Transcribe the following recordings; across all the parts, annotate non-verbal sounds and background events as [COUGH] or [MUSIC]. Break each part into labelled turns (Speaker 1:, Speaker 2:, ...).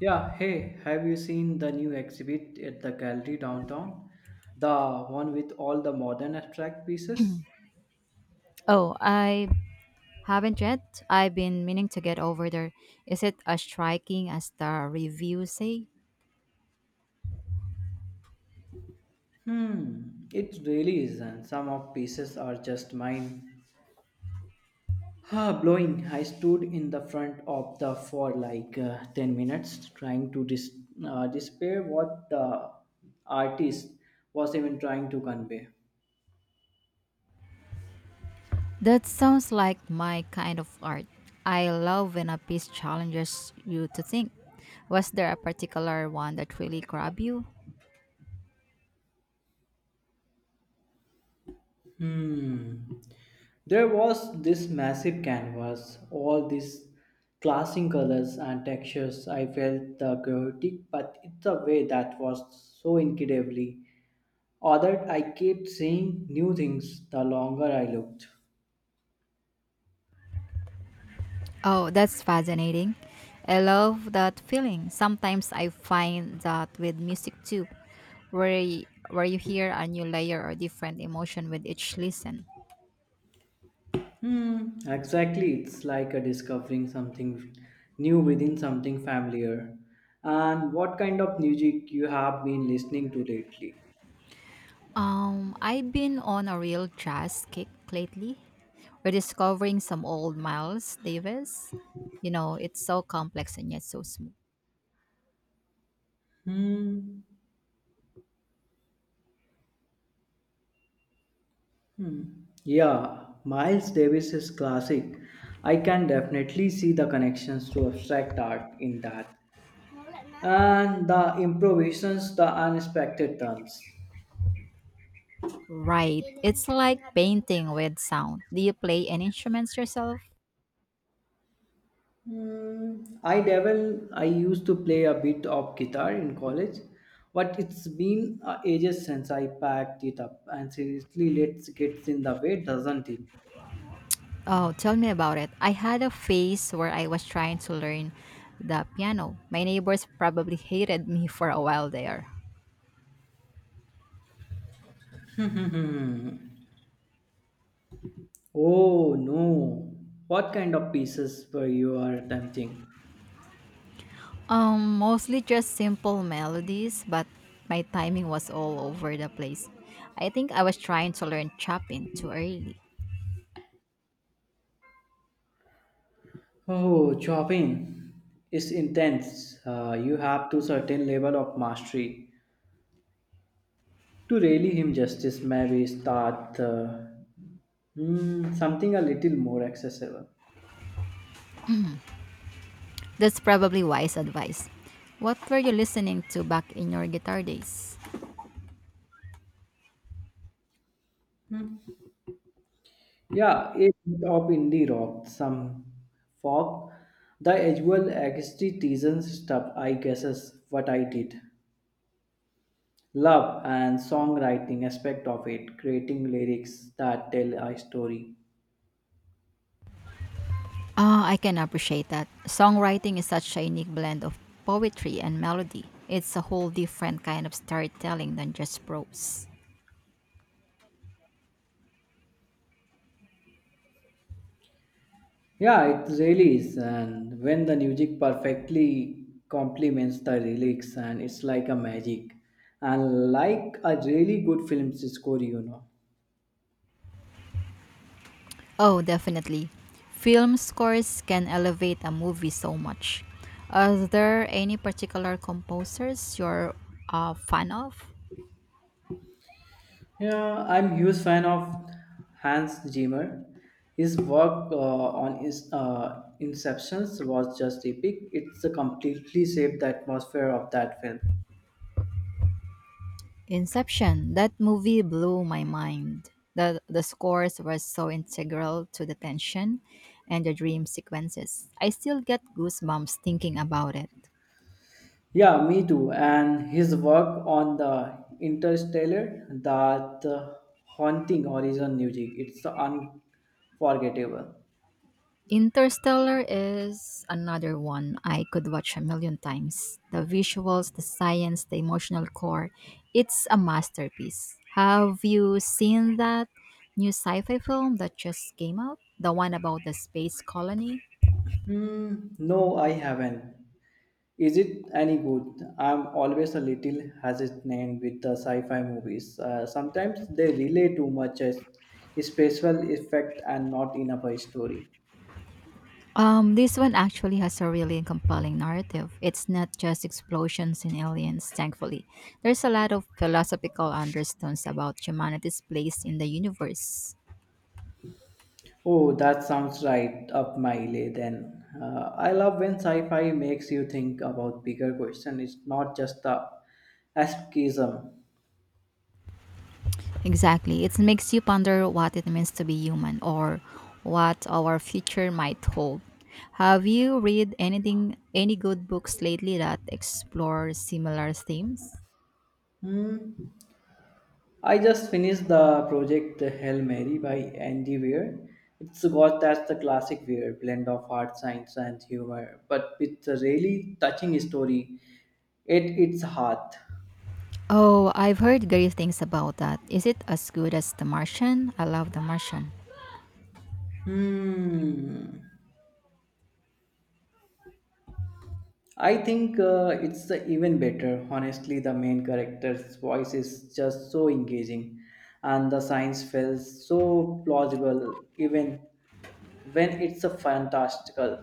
Speaker 1: Yeah, hey, have you seen the new exhibit at the gallery downtown? The one with all the modern abstract pieces?
Speaker 2: Oh, I haven't yet. I've been meaning to get over there. Is it as striking as the reviews say?
Speaker 1: Hmm, it really is, and some of pieces are just mind blowing. I stood in the front of the for like 10 minutes trying to despair what the artist was even trying to convey.
Speaker 2: That sounds like my kind of art. I love when a piece challenges you to think. Was there a particular one that really grabbed you?
Speaker 1: Hmm. There was this massive canvas, all these clashing colors and textures. I felt the chaotic, but it's a way that was so incredibly ordered. I kept seeing new things the longer I looked.
Speaker 2: Oh, that's fascinating. I love that feeling. Sometimes I find that with music too, where where you hear a new layer or different emotion with each listen.
Speaker 1: Hmm, exactly. It's like a discovering something new within something familiar. And what kind of music you have been listening to lately?
Speaker 2: I've been on a real jazz kick lately. We're discovering some old Miles Davis. You know, it's so complex and yet so smooth.
Speaker 1: Hmm. Yeah, Miles Davis is classic. I can definitely see the connections to abstract art in that. And the improvisations, the unexpected turns.
Speaker 2: Right. It's like painting with sound. Do you play any instruments yourself?
Speaker 1: I used to play a bit of guitar in college, but it's been ages since I packed it up. And seriously, let's get in the way, doesn't it?
Speaker 2: Oh, tell me about it. I had a phase where I was trying to learn the piano. My neighbors probably hated me for a while there.
Speaker 1: [LAUGHS] Oh no! What kind of pieces were you are attempting?
Speaker 2: Mostly just simple melodies, but my timing was all over the place. I think I was trying to learn Chopin too early.
Speaker 1: Oh, chopping is intense. You have to certain level of mastery to really him justice. Maybe start something a little more accessible.
Speaker 2: That's probably wise advice. What were you listening to back in your guitar days?
Speaker 1: Yeah, a bit of indie rock, some folk, the usual extreme stuff. I guess is what I did. Love and songwriting aspect of it, creating lyrics that tell a story.
Speaker 2: Ah, I can appreciate that. Songwriting is such a unique blend of poetry and melody. It's a whole different kind of storytelling than just prose.
Speaker 1: Yeah, it really is. And when the music perfectly complements the lyrics, and it's like a magic, and like a really good film score, you know.
Speaker 2: Oh, definitely. Film scores can elevate a movie so much. Are there any particular composers you're a fan of?
Speaker 1: Yeah, I'm huge fan of Hans Zimmer. His work on his Inceptions was just epic. It's completely shaped the atmosphere of that film.
Speaker 2: Inception. That movie blew my mind. The scores were so integral to the tension and the dream sequences. I still get goosebumps thinking about it.
Speaker 1: Yeah, me too. And his work on the Interstellar, that haunting horizon music, it's unforgettable.
Speaker 2: Interstellar is another one I could watch a million times. The visuals, the science, the emotional core, it's a masterpiece. Have you seen that new sci-fi film that just came out? The one about the space colony?
Speaker 1: Hmm, no, I haven't. Is it any good? I'm always a little hesitant with the sci-fi movies. Sometimes they relay too much as a special effect and not enough a story.
Speaker 2: This one actually has a really compelling narrative. It's not just explosions and aliens, thankfully. There's a lot of philosophical undertones about humanity's place in the universe.
Speaker 1: Oh, that sounds right up my alley then. I love when sci-fi makes you think about bigger questions. It's not just the escapism.
Speaker 2: Exactly. It makes you ponder what it means to be human or what our future might hold. Have you read anything any good books lately that explore similar themes?
Speaker 1: Hmm. I just finished the project Hail Mary by Andy Weir. It's got that's the classic Weir blend of hard science and humor, but with a really touching story. It's hard.
Speaker 2: Oh, I've heard great things about that. Is it as good as The Martian? I love The Martian.
Speaker 1: Hmm. I think it's even better. Honestly, the main character's voice is just so engaging, and the science feels so plausible, even when it's a fantastical.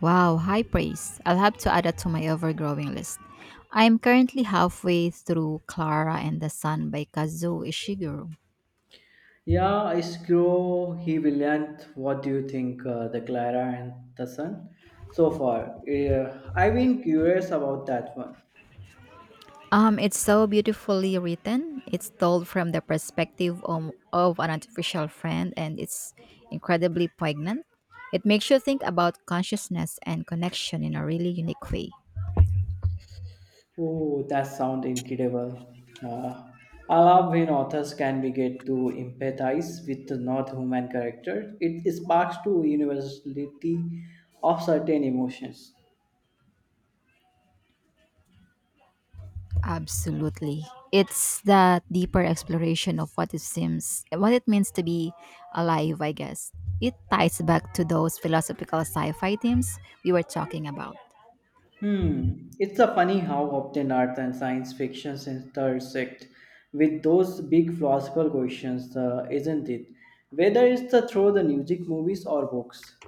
Speaker 2: Wow, high praise. I'll have to add that to my overgrowing list. I'm currently halfway through Clara and the Sun by Kazuo Ishiguro.
Speaker 1: Yeah, Screw, he Villiant, what do you think, the Clara and the Sun? So far, I've been curious about that one.
Speaker 2: It's so beautifully written. It's told from the perspective of an artificial friend, and it's incredibly poignant. It makes you think about consciousness and connection in a really unique way.
Speaker 1: Oh, that sounds incredible. Uh, I love when authors can be get to empathize with the non-human character. It sparks to universality of certain emotions.
Speaker 2: Absolutely, it's that deeper exploration of what it seems, what it means to be alive. I guess it ties back to those philosophical sci-fi themes we were talking about.
Speaker 1: Hmm, it's a funny how often art and science fictions intersect with those big philosophical questions, isn't it? Whether it's through the music, movies, or books.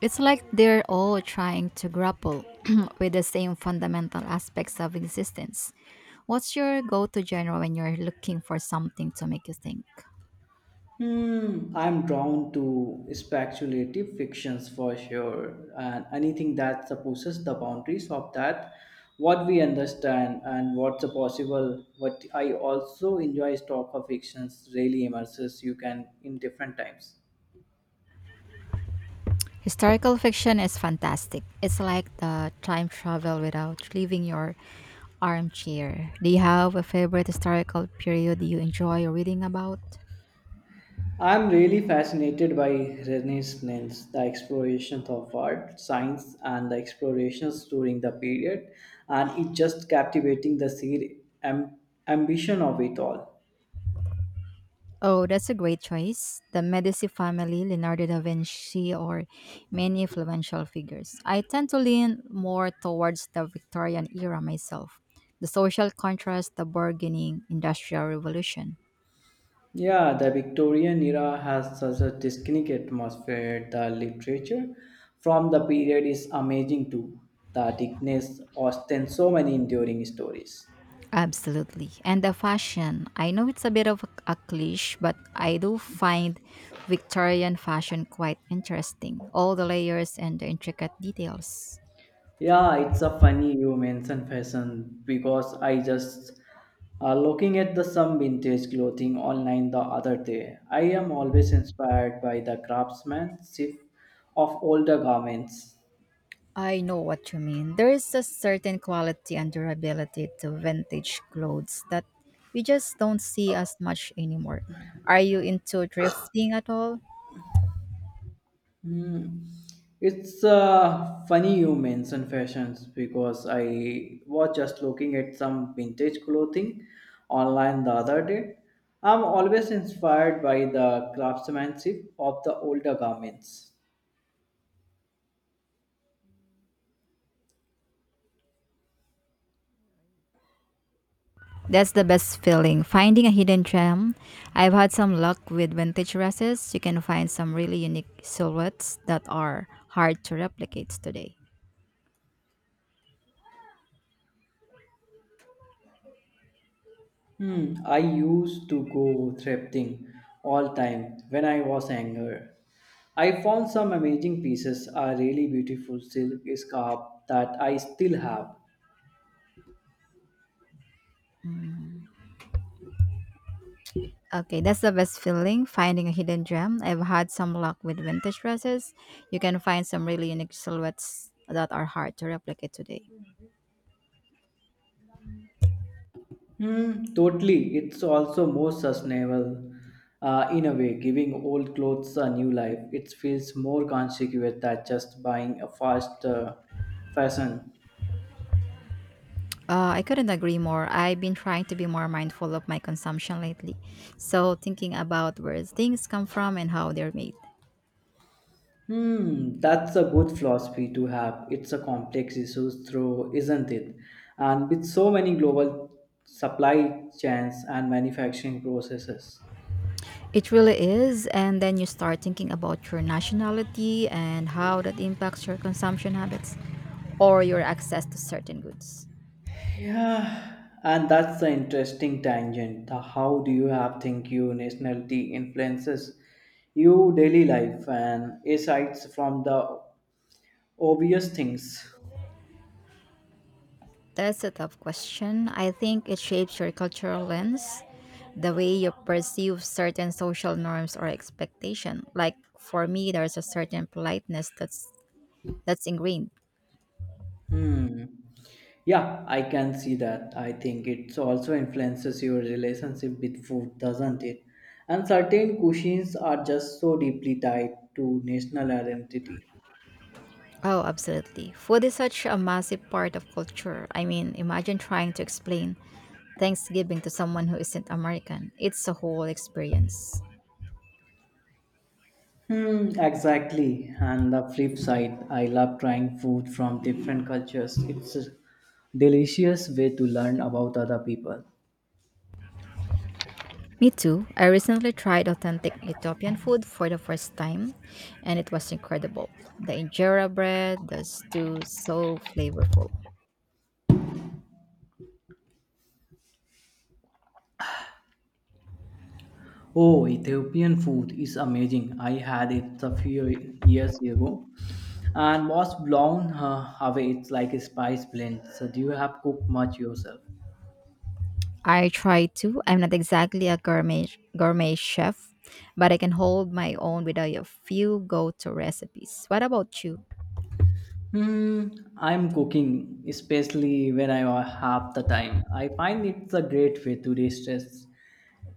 Speaker 2: It's like they're all trying to grapple [CLEARS THROAT] with the same fundamental aspects of existence. What's your go to genre when you're looking for something to make you think?
Speaker 1: Hmm, I'm drawn to speculative fictions for sure, and anything that supposes the boundaries of that, what we understand and what's a possible. What I also enjoy is of fictions really immerses you can in different times.
Speaker 2: Historical fiction is fantastic. It's like the time travel without leaving your armchair. Do you have a favorite historical period you enjoy reading about?
Speaker 1: I'm really fascinated by Renaissance, the explorations of art, science, and the explorations during the period, and it just captivating the sheer am- ambition of it all.
Speaker 2: Oh, that's a great choice. The Medici family, Leonardo da Vinci, or many influential figures. I tend to lean more towards the Victorian era myself. The social contrast, the burgeoning industrial revolution.
Speaker 1: Yeah, the Victorian era has such a distinct atmosphere. The literature from the period is amazing too. The Dickens Austen so many enduring stories.
Speaker 2: Absolutely. And the fashion. I know it's a bit of a cliche, but I do find Victorian fashion quite interesting. All the layers and the intricate details.
Speaker 1: Yeah, it's a funny you mention fashion because I just looking at the some vintage clothing online the other day. I am always inspired by the craftsmanship of older garments.
Speaker 2: I know what you mean. There is a certain quality and durability to vintage clothes that we just don't see as much anymore. Are you into thrifting at all?
Speaker 1: Hmm. It's funny you mention fashions because I was just looking at some vintage clothing online the other day. I'm always inspired by the craftsmanship of the older garments.
Speaker 2: That's the best feeling, finding a hidden gem. I've had some luck with vintage dresses. You can find some really unique silhouettes that are hard to replicate today.
Speaker 1: Hmm. I used to go thrifting all time when I was younger. I found some amazing pieces, a really beautiful silk scarf that I still have.
Speaker 2: Okay, that's the best feeling, finding a hidden gem. I've had some luck with vintage dresses. You can find some really unique silhouettes that are hard to replicate today.
Speaker 1: Hmm, totally. It's also more sustainable in a way, giving old clothes a new life. It feels more consequent than just buying a fast fashion.
Speaker 2: I couldn't agree more. I've been trying to be more mindful of my consumption lately. So, thinking about where things come from and how they're made.
Speaker 1: Hmm, that's a good philosophy to have. It's a complex issue, through, isn't it? And with so many global supply chains and manufacturing processes.
Speaker 2: It really is. And then you start thinking about your nationality and how that impacts your consumption habits or your access to certain goods.
Speaker 1: Yeah, and that's the interesting tangent. The how do you have think your nationality influences your daily life and asides from the obvious things.
Speaker 2: That's a tough question. I think it shapes your cultural lens, the way you perceive certain social norms or expectation. Like for me, there's a certain politeness that's ingrained.
Speaker 1: Hmm. Yeah, I can see that. I think it also influences your relationship with food, doesn't it? And certain cuisines are just so deeply tied to national identity.
Speaker 2: Oh, absolutely. Food is such a massive part of culture. I mean, imagine trying to explain Thanksgiving to someone who isn't American. It's a whole experience.
Speaker 1: Hmm, exactly. And the flip side, I love trying food from different cultures. It's a delicious way to learn about other people.
Speaker 2: Me too. I recently tried authentic Ethiopian food for the first time, and it was incredible. The injera bread, the stew, so flavorful.
Speaker 1: Oh, Ethiopian food is amazing. I had it a few years ago and was blown away. It's like a spice blend. So, do you have cooked much yourself?
Speaker 2: I try to. I'm not exactly a gourmet chef, but I can hold my own with a few go-to recipes. What about you?
Speaker 1: Hmm, I'm cooking, especially when I have the time. I find it's a great way to de-stress.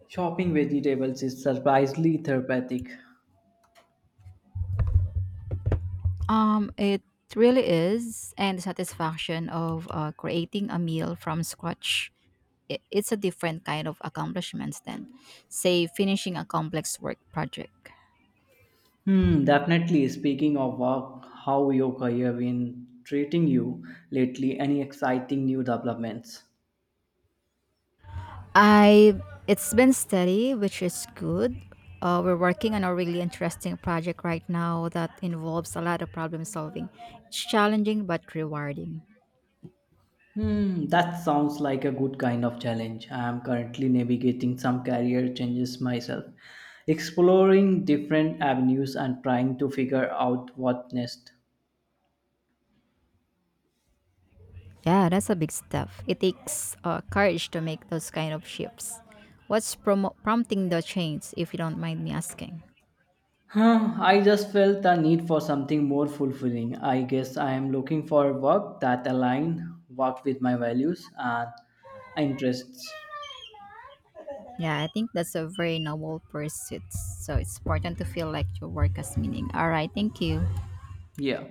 Speaker 1: Chopping vegetables is surprisingly therapeutic.
Speaker 2: It really is, and the satisfaction of creating a meal from scratch. It's a different kind of accomplishments than, say, finishing a complex work project.
Speaker 1: Hmm, definitely. Speaking of work, how your career been treating you lately? Any exciting new developments?
Speaker 2: I it's been steady, which is good. We're working on a really interesting project right now that involves a lot of problem solving. It's challenging but rewarding.
Speaker 1: Hmm, that sounds like a good kind of challenge. I am currently navigating some career changes myself, exploring different avenues and trying to figure out what next.
Speaker 2: Yeah, that's a big stuff. It takes courage to make those kind of shifts. What's prompting the change, if you don't mind me asking?
Speaker 1: Huh, I just felt the need for something more fulfilling. I guess I am looking for work that align work with my values and interests.
Speaker 2: Yeah, I think that's a very noble pursuit. So it's important to feel like your work has meaning. All right, thank you.
Speaker 1: Yeah.